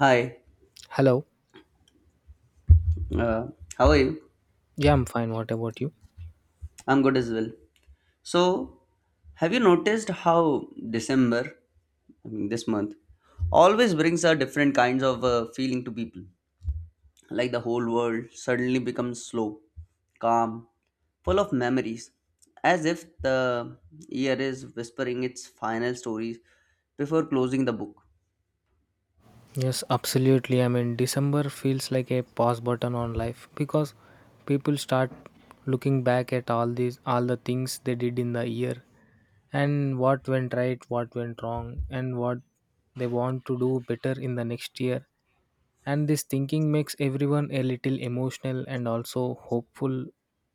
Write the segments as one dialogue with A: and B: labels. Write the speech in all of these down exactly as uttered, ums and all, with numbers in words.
A: Hi,
B: Hello.
A: uh, how are you?
B: Yeah, I'm fine. What about you?
A: I'm good as well. So, have you noticed how December, I mean this month, always brings out different kinds of uh, feeling to people? Like the whole world suddenly becomes slow, calm, full of memories, as if the year is whispering its final stories before closing the book.
B: Yes, absolutely. I mean, December feels like a pause button on life because people start looking back at all these, all the things they did in the year and what went right, what went wrong, and what they want to do better in the next year. And this thinking makes everyone a little emotional and also hopeful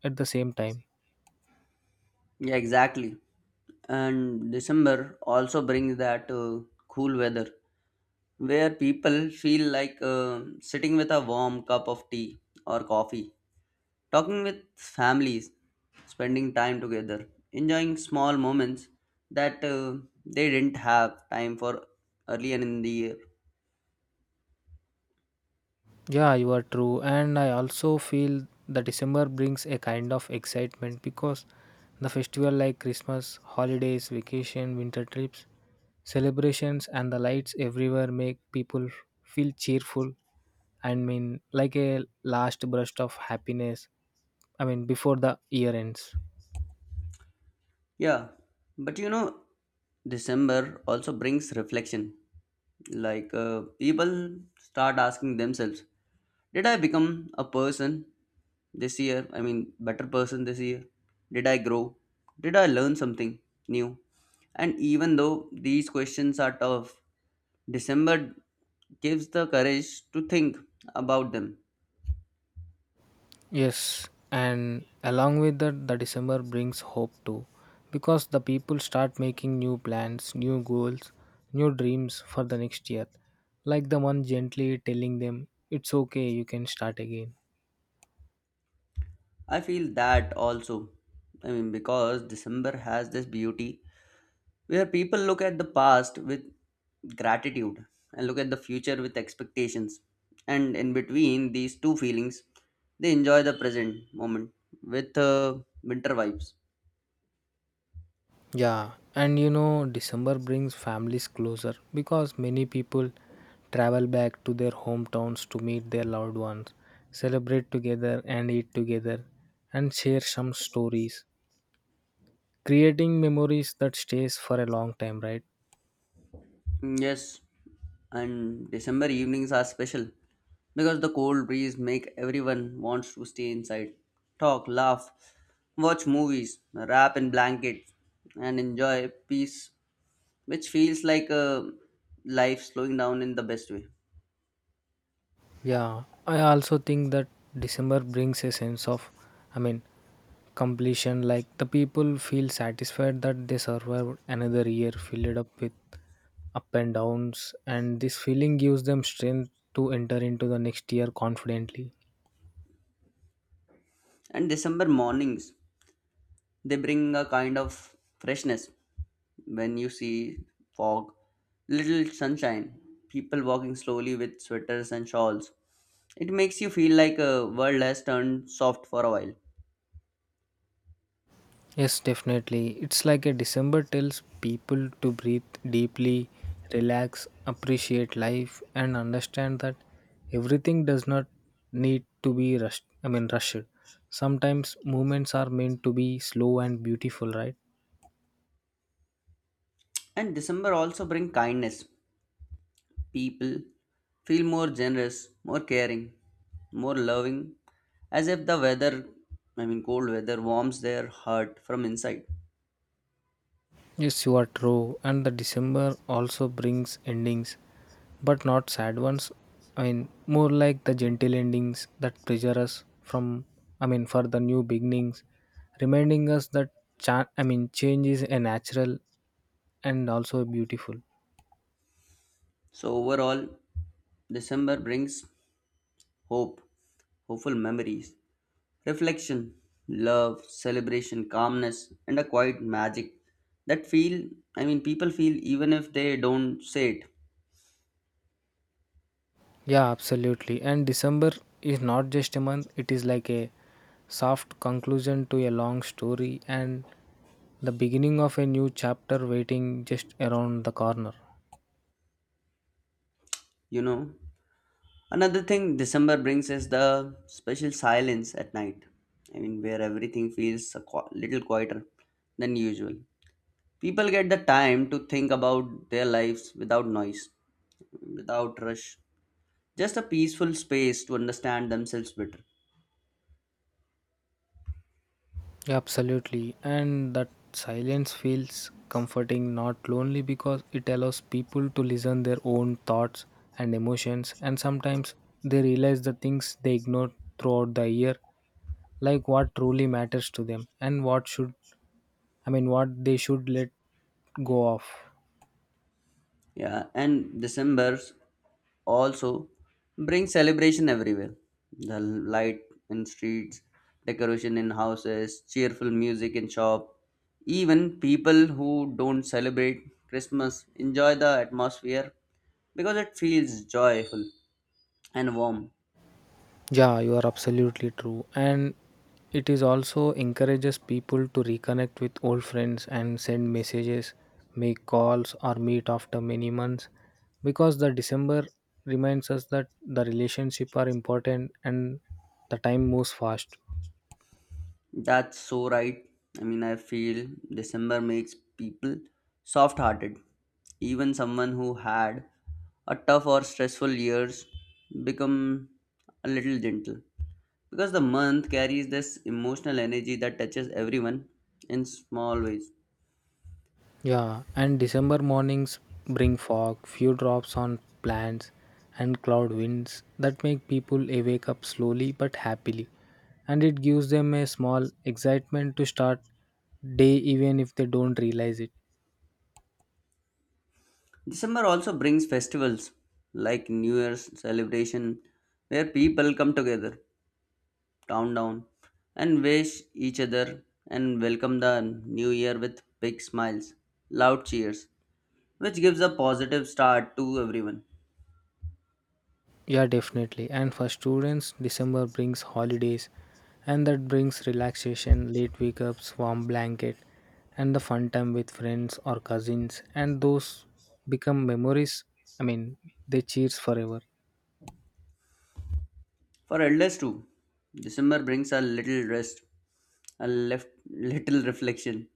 B: at the same time.
A: Yeah, exactly. And December also brings that uh, cool weather where people feel like uh, sitting with a warm cup of tea or coffee, talking with families, spending time together, enjoying small moments that uh, they didn't have time for earlier in the year.
B: Yeah, you are true. And I also feel the December brings a kind of excitement because the festival like Christmas, holidays, vacation, winter trips, celebrations and the lights everywhere make people feel cheerful I mean like a last burst of happiness. I mean before the year ends.
A: Yeah, but you know, December also brings reflection. Like uh, people start asking themselves, did I become a person this year? I mean, better person this year? Did I grow? Did I learn something new? And even though these questions are tough, December gives the courage to think about them.
B: Yes, and along with that, the December brings hope too, because the people start making new plans, new goals, new dreams for the next year. Like the one gently telling them, it's okay, you can start again.
A: I feel that also. I mean, because December has this beauty where people look at the past with gratitude and look at the future with expectations, and in between these two feelings they enjoy the present moment with uh, winter vibes.
B: Yeah, and you know, December brings families closer because many people travel back to their hometowns to meet their loved ones, celebrate together, and eat together, and share some stories, creating memories that stays for a long time, right?
A: Mm, yes, and December evenings are special because the cold breeze make everyone wants to stay inside, talk, laugh, watch movies, wrap in blankets, and enjoy peace, which feels like uh, life slowing down in the best way.
B: Yeah, I also think that December brings a sense of, I mean, completion, like the people feel satisfied that they survived another year filled up with up and downs, and this feeling gives them strength to enter into the next year confidently.
A: And December mornings, they bring a kind of freshness when you see fog, little sunshine, people walking slowly with sweaters and shawls. It makes you feel like a world has turned soft for a while.
B: Yes, definitely. It's like a December tells people to breathe deeply, relax, appreciate life, and understand that everything does not need to be rushed. I mean, rushed. Sometimes movements are meant to be slow and beautiful, right?
A: And December also bring kindness. People feel more generous, more caring, more loving, as if the weather, I mean cold weather, warms their heart from inside.
B: Yes, you are true. And the December also brings endings, but not sad ones. I mean, more like the gentle endings that pressure us from, I mean, for the new beginnings, reminding us that, cha- I mean, change is a natural and also beautiful.
A: So overall, December brings hope, hopeful memories, reflection, love, celebration, calmness, and a quiet magic that feel, I mean, people feel even if they don't say it,
B: Yeah, absolutely. And December is not just a month, it is like a soft conclusion to a long story and the beginning of a new chapter waiting just around the corner.
A: you know. Another thing December brings is the special silence at night. I mean, where everything feels a qu- little quieter than usual. People get the time to think about their lives without noise, without rush, just a peaceful space to understand themselves better.
B: Yeah, absolutely. And that silence feels comforting, not lonely, because it allows people to listen their own thoughts and emotions. And sometimes they realize the things they ignored throughout the year, like what truly matters to them and what should, I mean, what they should let go of.
A: Yeah, and December also bring celebration everywhere, the light in streets, decoration in houses, cheerful music in shop. Even people who don't celebrate Christmas enjoy the atmosphere because it feels joyful and warm.
B: Yeah, you are absolutely true. And it is also encourages people to reconnect with old friends and send messages, make calls, or meet after many months because the December reminds us that the relationship are important and the time moves fast.
A: That's so right. I mean, I feel December makes people soft hearted. Even someone who had a tough or stressful years become a little gentle because the month carries this emotional energy that touches everyone in small ways.
B: Yeah, and December mornings bring fog, few drops on plants, and cloud winds that make people awake up slowly but happily. And it gives them a small excitement to start day even if they don't realize it.
A: December also brings festivals like New Year's celebration, where people come together, town down, and wish each other and welcome the new year with big smiles, loud cheers, which gives a positive start to everyone.
B: Yeah, definitely. And for students, December brings holidays and that brings relaxation, late wake ups, warm blanket, and the fun time with friends or cousins. And those become memories. I mean, they cheers forever.
A: For elders too, December brings a little rest, a left, little reflection,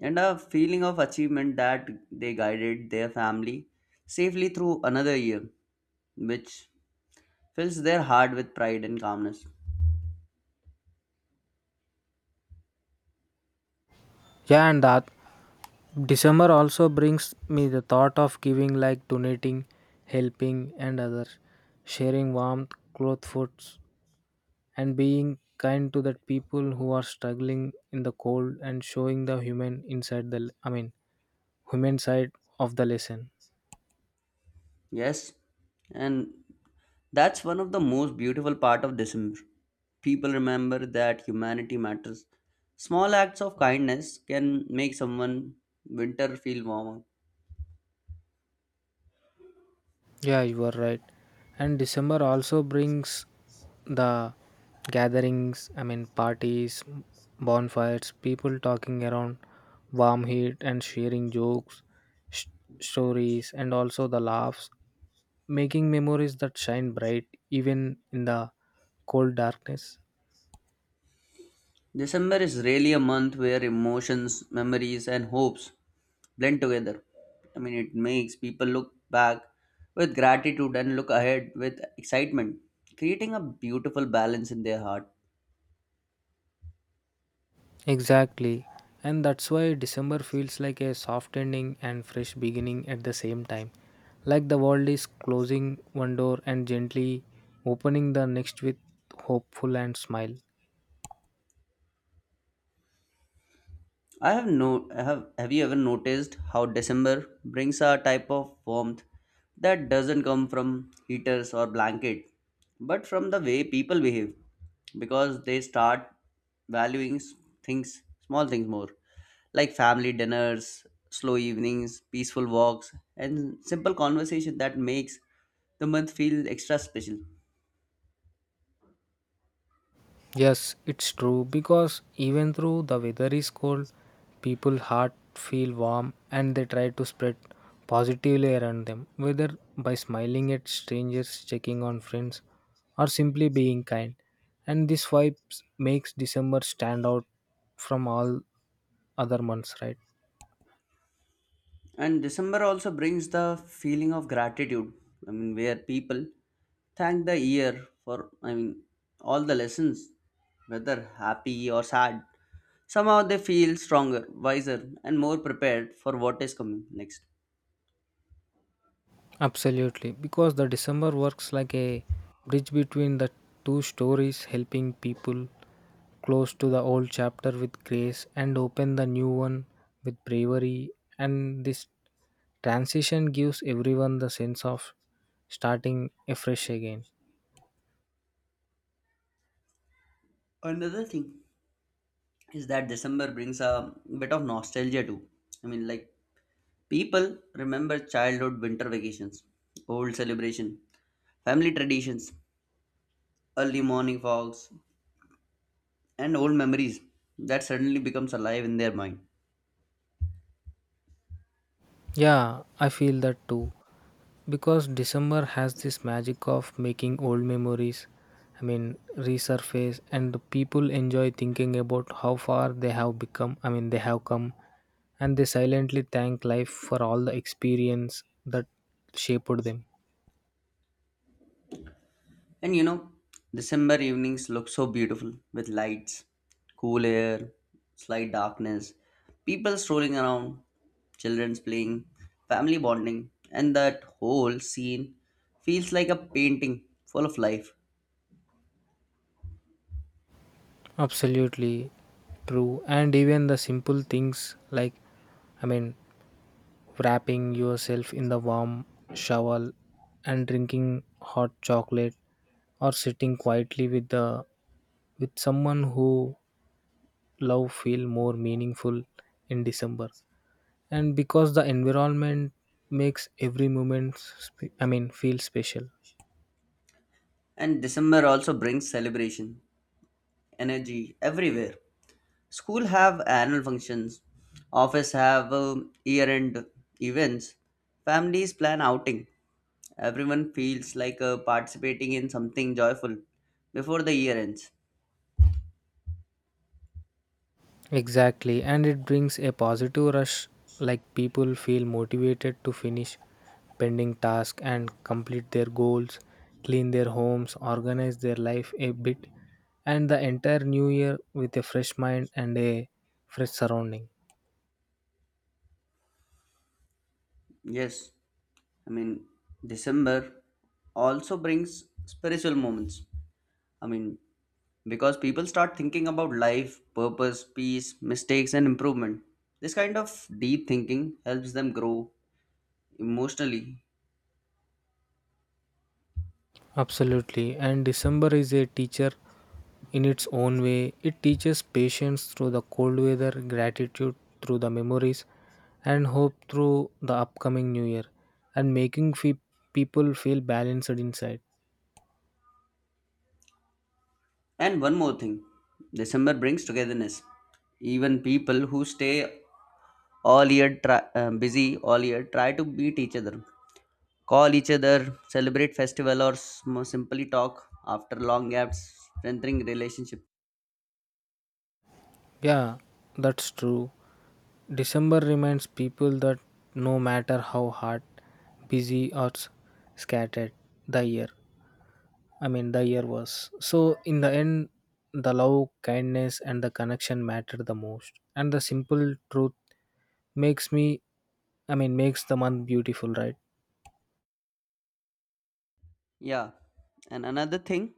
A: and a feeling of achievement that they guided their family safely through another year, which fills their heart with pride and calmness.
B: Yeah, and that December also brings me the thought of giving, like donating, helping, and others, sharing warmth, cloth, foods, and being kind to the people who are struggling in the cold and showing the human inside the, I mean, human side of the lesson.
A: Yes, and that's one of the most beautiful part of December. People remember that humanity matters. Small acts of kindness can make someone winter feel warmer.
B: Yeah, you are right. And December also brings the gatherings, I mean, parties, bonfires, people talking around warm heat and sharing jokes, sh- stories, and also the laughs, making memories that shine bright even in the cold darkness.
A: December is really a month where emotions, memories, and hopes blend together. I mean, it makes people look back with gratitude and look ahead with excitement, creating a beautiful balance in their heart.
B: Exactly. And that's why December feels like a soft ending and fresh beginning at the same time. Like the world is closing one door and gently opening the next with hopeful and smile.
A: I have no have have you ever noticed how December brings a type of warmth that doesn't come from heaters or blanket, but from the way people behave, because they start valuing s- things, small things more, like family dinners, slow evenings, peaceful walks, and simple conversation that makes the month feel extra special.
B: Yes, it's true because even though the weather is cold, people heart feel warm and they try to spread positively around them, whether by smiling at strangers, checking on friends, or simply being kind. And this vibes makes December stand out from all other months, right?
A: And December also brings the feeling of gratitude. I mean, where people thank the year for, I mean, all the lessons, whether happy or sad. Somehow they feel stronger, wiser, and more prepared for what is coming next.
B: Absolutely, because the December works like a bridge between the two stories, helping people close to the old chapter with grace and open the new one with bravery. And this transition gives everyone the sense of starting afresh again.
A: Another thing is that December brings a bit of nostalgia too. I mean, like people remember childhood winter vacations, old celebration, family traditions, early morning fogs, and old memories that suddenly becomes alive in their mind.
B: Yeah, I feel that too. Because December has this magic of making old memories, I mean, resurface, and the people enjoy thinking about how far they have become, I mean, they have come, and they silently thank life for all the experience that shaped them.
A: And you know, December evenings look so beautiful with lights, cool air, slight darkness, people strolling around, children's playing, family bonding, and that whole scene feels like a painting full of life.
B: Absolutely true. And even the simple things like, I mean, wrapping yourself in the warm shawl and drinking hot chocolate or sitting quietly with the with someone who love feel more meaningful in December, and because the environment makes every moment sp- I mean feel special.
A: And December also brings celebration, energy everywhere. School have annual functions, office have um, year-end events, families plan outing. Everyone feels like uh, participating in something joyful before the year ends.
B: Exactly, and it brings a positive rush like people feel motivated to finish pending tasks and complete their goals, clean their homes, organize their life a bit, and the entire new year with a fresh mind and a fresh surrounding.
A: Yes, I mean, December also brings spiritual moments. I mean, because people start thinking about life, purpose, peace, mistakes, and improvement. This kind of deep thinking helps them grow emotionally.
B: Absolutely. And December is a teacher in its own way. It teaches patience through the cold weather, gratitude through the memories, and hope through the upcoming new year, and making fe- people feel balanced inside.
A: And one more thing, December brings togetherness. Even people who stay all year try, uh, busy all year try to meet each other, call each other, celebrate festival, or sm- simply talk after long gaps, strengthening relationship.
B: Yeah, that's true. December reminds people that no matter how hard, busy, or s- scattered the year, I mean, the year was. So, in the end, the love, kindness, and the connection matter the most. And the simple truth makes me, I mean, makes the month beautiful, right?
A: Yeah, and another thing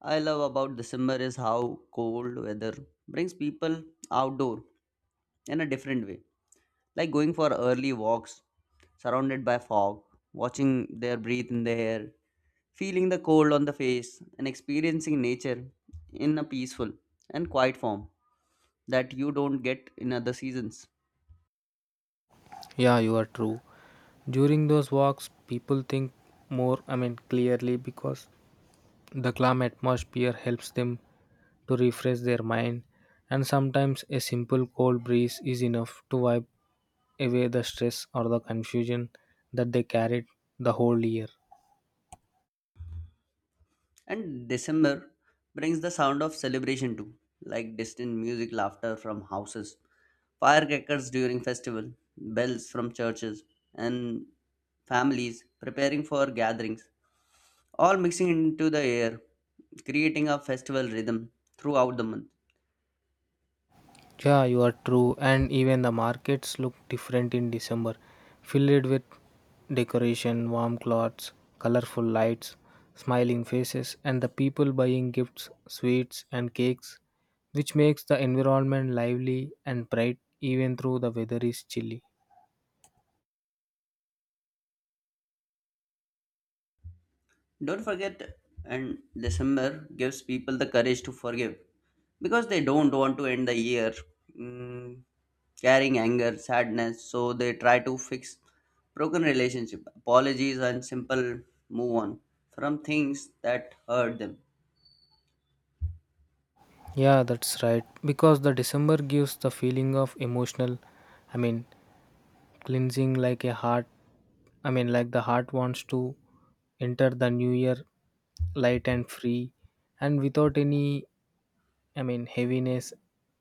A: I love about December is how cold weather brings people outdoor in a different way, like going for early walks surrounded by fog, watching their breathe in the air, feeling the cold on the face, and experiencing nature in a peaceful and quiet form that you don't get in other seasons.
B: Yeah, you are true. During those walks, people think more, I mean, clearly because the calm atmosphere helps them to refresh their mind, and sometimes a simple cold breeze is enough to wipe away the stress or the confusion that they carried the whole year.
A: And December brings the sound of celebration too, like distant music, laughter from houses, firecrackers during festival, bells from churches, and families preparing for gatherings, all mixing into the air, creating a festival rhythm throughout the month.
B: Yeah, you are true. And even the markets look different in December, filled with decoration, warm clothes, colorful lights, smiling faces, and the people buying gifts, sweets, and cakes, which makes the environment lively and bright even though the weather is chilly.
A: Don't forget, and December gives people the courage to forgive because they don't want to end the year, mm, carrying anger, sadness, so they try to fix broken relationship, apologies, and simple move on from things that hurt them.
B: Yeah, that's right. Because the December gives the feeling of emotional, I mean, cleansing like a heart, I mean, like the heart wants to enter the new year light and free and without any, I mean, heaviness.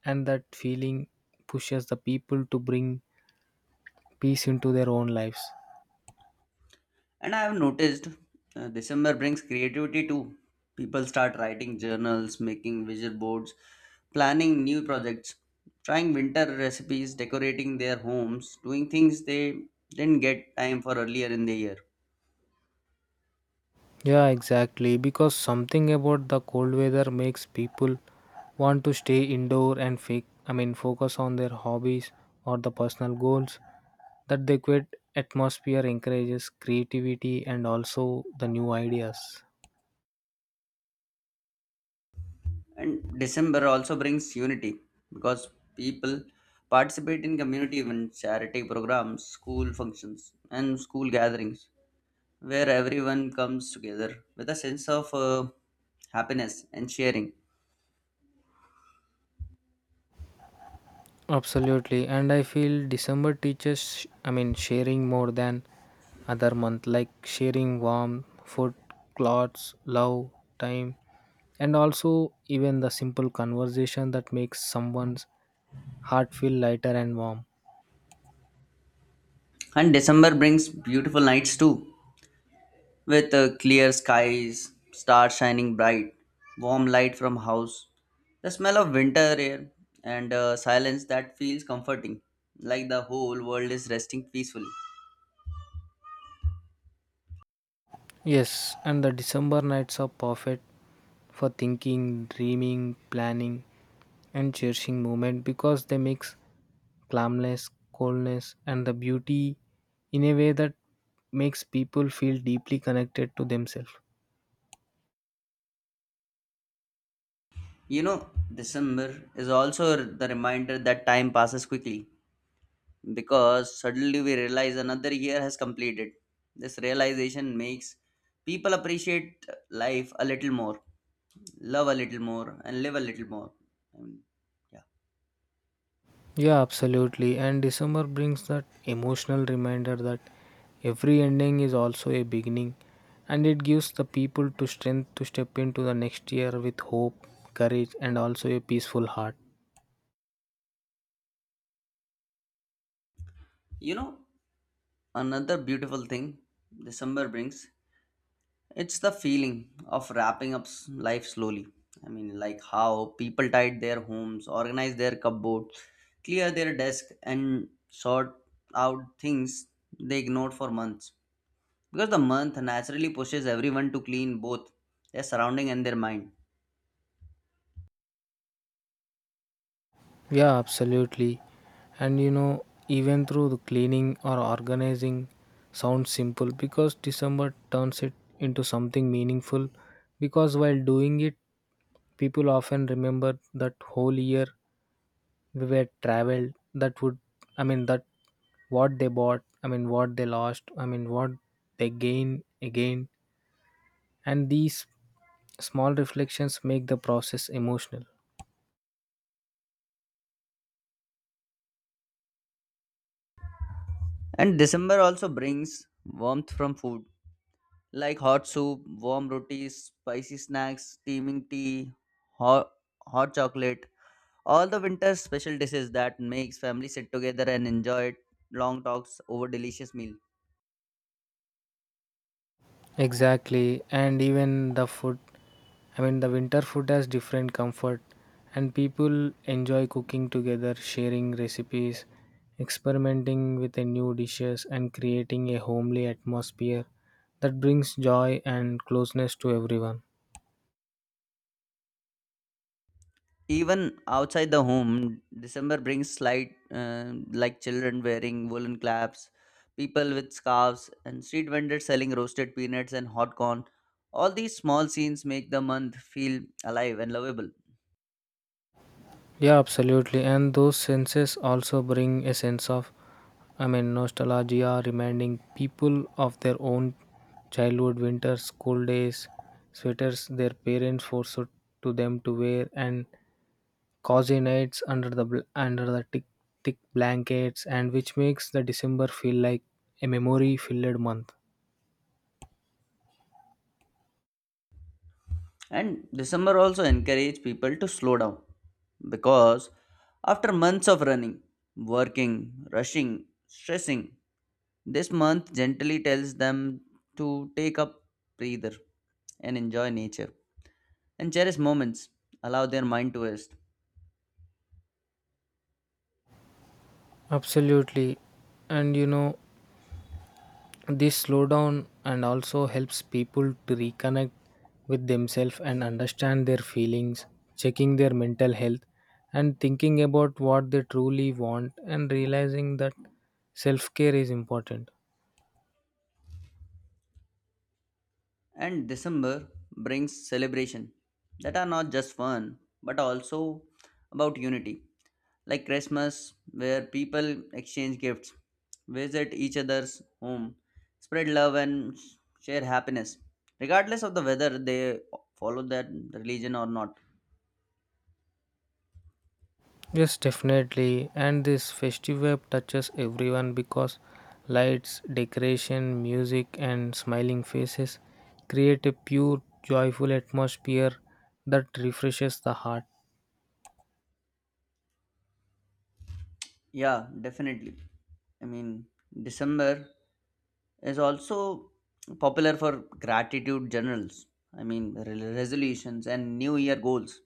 B: And that feeling pushes the people to bring peace into their own lives.
A: And I have noticed uh, December brings creativity too. People start writing journals, making visual boards, planning new projects, trying winter recipes, decorating their homes, doing things they didn't get time for earlier in the year.
B: Yeah, exactly. Because something about the cold weather makes people want to stay indoor and fake, I mean, focus on their hobbies or the personal goals. That the quiet atmosphere encourages creativity and also the new ideas.
A: And December also brings unity because people participate in community events, charity programs, school functions, and school gatherings where everyone comes together with a sense of uh, happiness and sharing.
B: Absolutely, and I feel December teaches, I mean, sharing more than other month, like sharing warm food, clothes, love, time, and also even the simple conversation that makes someone's heart feel lighter and warm.
A: And December brings beautiful nights too, with uh, clear skies, stars shining bright, warm light from house, the smell of winter air, and uh, silence that feels comforting, like the whole world is resting peacefully.
B: Yes, and the December nights are perfect for thinking, dreaming, planning, and cherishing moment because they mix calmness, coldness, and the beauty in a way that makes people feel deeply connected to themselves.
A: You know, December is also the reminder that time passes quickly because suddenly we realize another year has completed. This realization makes people appreciate uh, life a little more, love a little more, and live a little more. I mean, yeah.
B: Yeah, absolutely. And December brings that emotional reminder that every ending is also a beginning, and it gives the people to strength to step into the next year with hope, courage, and also a peaceful heart.
A: You know, another beautiful thing December brings, it's the feeling of wrapping up s- life slowly. I mean, like how people tidy their homes, organize their cupboards, clear their desk, and sort out things they ignored for months. Because the month naturally pushes everyone to clean both their surrounding and their mind.
B: Yeah, absolutely. And you know, even through the cleaning or organizing sounds simple because December turns it into something meaningful. Because while doing it, people often remember that whole year we were traveled that would I mean that what they bought, I mean what they lost, I mean what they gain again, and these small reflections make the process emotional.
A: And December also brings warmth from food like hot soup, warm rotis, spicy snacks, steaming tea, hot, hot chocolate. All the winter special dishes that makes family sit together and enjoy long talks over delicious meal.
B: Exactly, and even the food, I mean the winter food, has different comfort, and people enjoy cooking together, sharing recipes, experimenting with the new dishes, and creating a homely atmosphere that brings joy and closeness to everyone.
A: Even outside the home, December brings slight uh, like children wearing woolen caps, people with scarves, and street vendors selling roasted peanuts and hot corn. All these small scenes make the month feel alive and lovable.
B: Yeah, absolutely. And those senses also bring a sense of, I mean, nostalgia, reminding people of their own childhood winters, school days, sweaters their parents forced to them to wear, and cozy nights under the bl- under the thick, thick blankets, and which makes the December feel like a memory-filled month.
A: And December also encouraged people to slow down because after months of running, working, rushing, stressing, this month gently tells them to take up breather and enjoy nature and cherish moments, allow their mind to rest.
B: Absolutely. And you know, this slowdown and also helps people to reconnect with themselves and understand their feelings, checking their mental health and thinking about what they truly want and realizing that self-care is important.
A: And December brings celebration that are not just fun but also about unity, like Christmas, where people exchange gifts, visit each other's home, spread love, and share happiness, regardless of the whether they follow that religion or not.
B: Yes, definitely. And this festival touches everyone because lights, decoration, music, and smiling faces create a pure, joyful atmosphere that refreshes the heart.
A: Yeah, definitely. I mean, December is also popular for gratitude journals. I mean, re- resolutions and New Year goals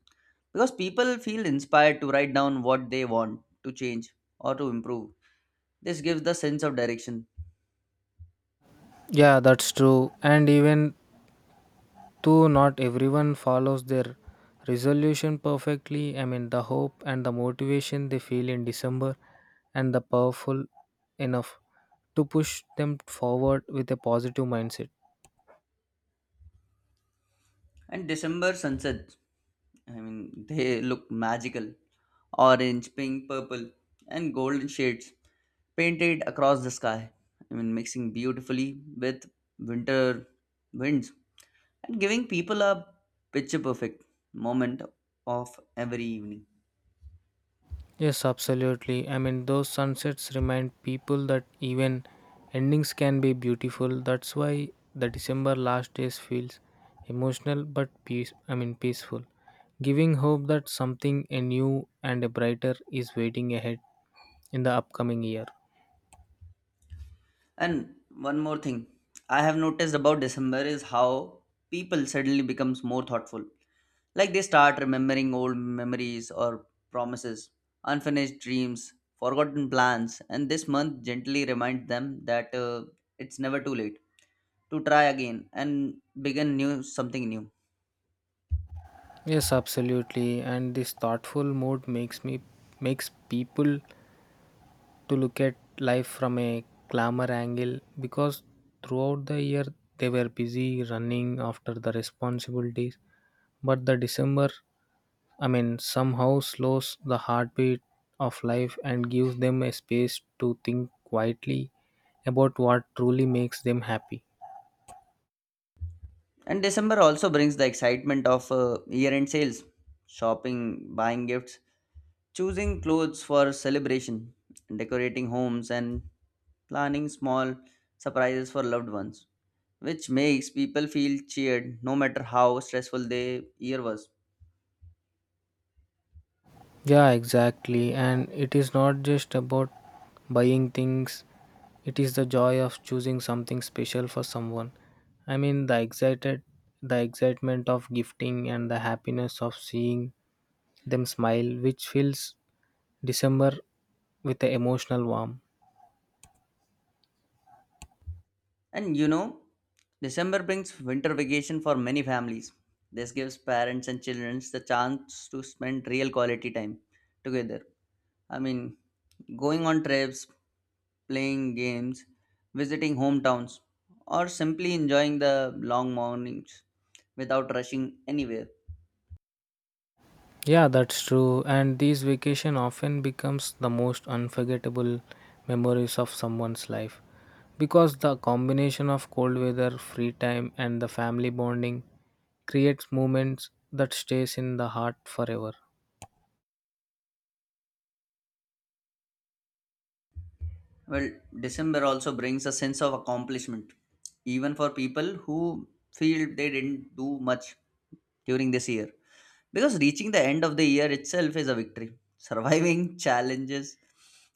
A: because people feel inspired to write down what they want to change or to improve. This gives the sense of direction.
B: Yeah, that's true. And even though not everyone follows their resolution perfectly, I mean, the hope and the motivation they feel in December and the powerful enough to push them forward with a positive mindset.
A: And December sunsets, I mean, they look magical. Orange, pink, purple, and golden shades painted across the sky. I mean, mixing beautifully with winter winds and giving people a picture perfect moment of every evening.
B: Yes, absolutely. I mean, those sunsets remind people that even endings can be beautiful. That's why the December last days feels emotional but peace. I mean, peaceful, giving hope that something a new and a brighter is waiting ahead in the upcoming year.
A: And one more thing I have noticed about December is how people suddenly becomes more thoughtful. Like they start remembering old memories or promises, unfinished dreams, forgotten plans, and this month gently reminds them that uh, it's never too late to try again and begin new something new.
B: Yes, absolutely. And this thoughtful mood makes me makes people to look at life from a glamour angle because throughout the year they were busy running after the responsibilities, but the December, I mean, somehow slows the heartbeat of life and gives them a space to think quietly about what truly makes them happy.
A: And December also brings the excitement of uh, year-end sales, shopping, buying gifts, choosing clothes for celebration, decorating homes, and planning small surprises for loved ones, which makes people feel cheered no matter how stressful the year was.
B: Yeah, exactly. And it is not just about buying things, it is the joy of choosing something special for someone. I mean, the excited the excitement of gifting and the happiness of seeing them smile, which fills December with an emotional warmth.
A: And you know, December brings winter vacation for many families. This gives parents and children the chance to spend real quality time together. I mean, going on trips, playing games, visiting hometowns, or simply enjoying the long mornings without rushing anywhere.
B: Yeah, that's true. And these vacation often becomes the most unforgettable memories of someone's life because the combination of cold weather, free time, and the family bonding creates moments that stays in the heart forever.
A: Well, December also brings a sense of accomplishment, even for people who feel they didn't do much during this year. Because reaching the end of the year itself is a victory. Surviving challenges,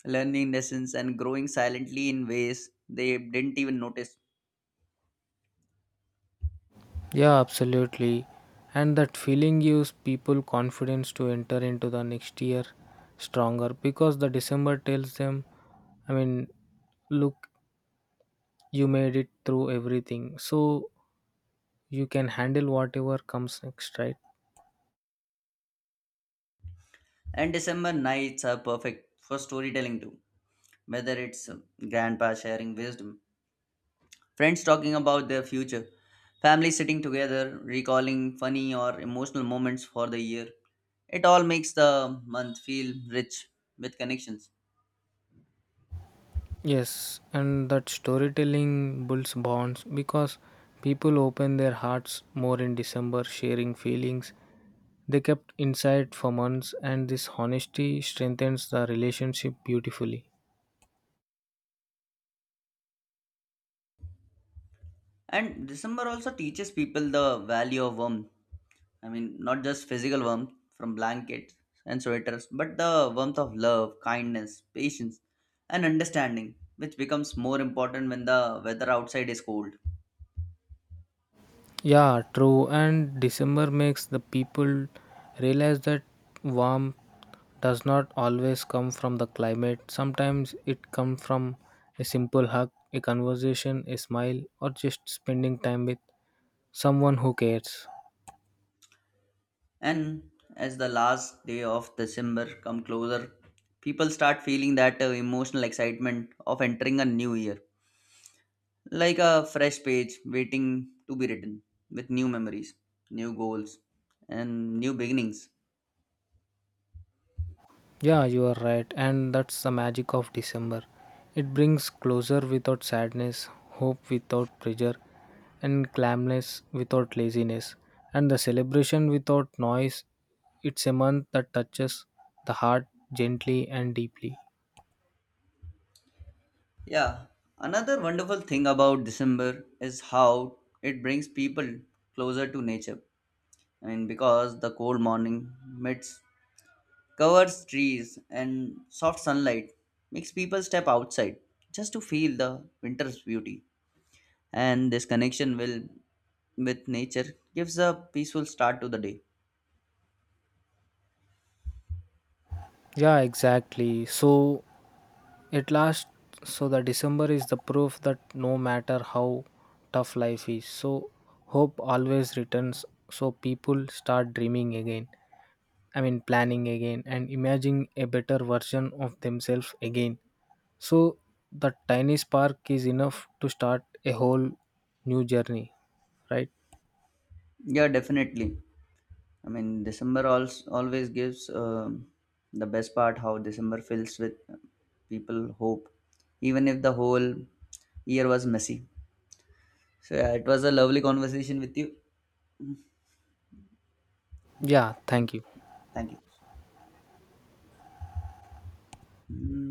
A: learning lessons, and growing silently in ways they didn't even notice.
B: Yeah, absolutely. And that feeling gives people confidence to enter into the next year stronger because the December tells them, I mean, look, you made it through everything, so you can handle whatever comes next, right?
A: And December nights are perfect for storytelling too, whether it's uh, grandpa sharing wisdom, friends talking about their future, family sitting together, recalling funny or emotional moments for the year. It all makes the month feel rich with connections.
B: Yes, and that storytelling builds bonds because people open their hearts more in December, sharing feelings they kept inside for months, and this honesty strengthens the relationship beautifully.
A: And December also teaches people the value of warmth. I mean, not just physical warmth from blankets and sweaters, but the warmth of love, kindness, patience, and understanding, which becomes more important when the weather outside is cold.
B: Yeah, true, and December makes the people realize that warmth does not always come from the climate. Sometimes it comes from a simple hug, a conversation, a smile, or just spending time with someone who cares.
A: And as the last day of December come closer, people start feeling that uh, emotional excitement of entering a new year, like a fresh page waiting to be written with new memories, new goals, and new beginnings.
B: Yeah, you are right, and that's the magic of December. It brings closure without sadness, hope without pressure, and calmness without laziness, and the celebration without noise. It's a month that touches the heart gently and deeply.
A: Yeah, another wonderful thing about December is how it brings people closer to nature. I mean, because the cold morning meets covers trees and soft sunlight makes people step outside just to feel the winter's beauty, and this connection will with nature gives a peaceful start to the day.
B: Yeah, exactly. So, at last, so the December is the proof that no matter how tough life is, so hope always returns, so people start dreaming again, I mean, planning again and imagining a better version of themselves again. So, the tiny spark is enough to start a whole new journey, right?
A: Yeah, definitely. I mean, December also always gives um, the best part how December fills with uh, people hope even if the whole year was messy. So yeah, it was a lovely conversation with you. Yeah.
B: Yeah,
A: thank
B: thank you.
A: Thank you. Mm.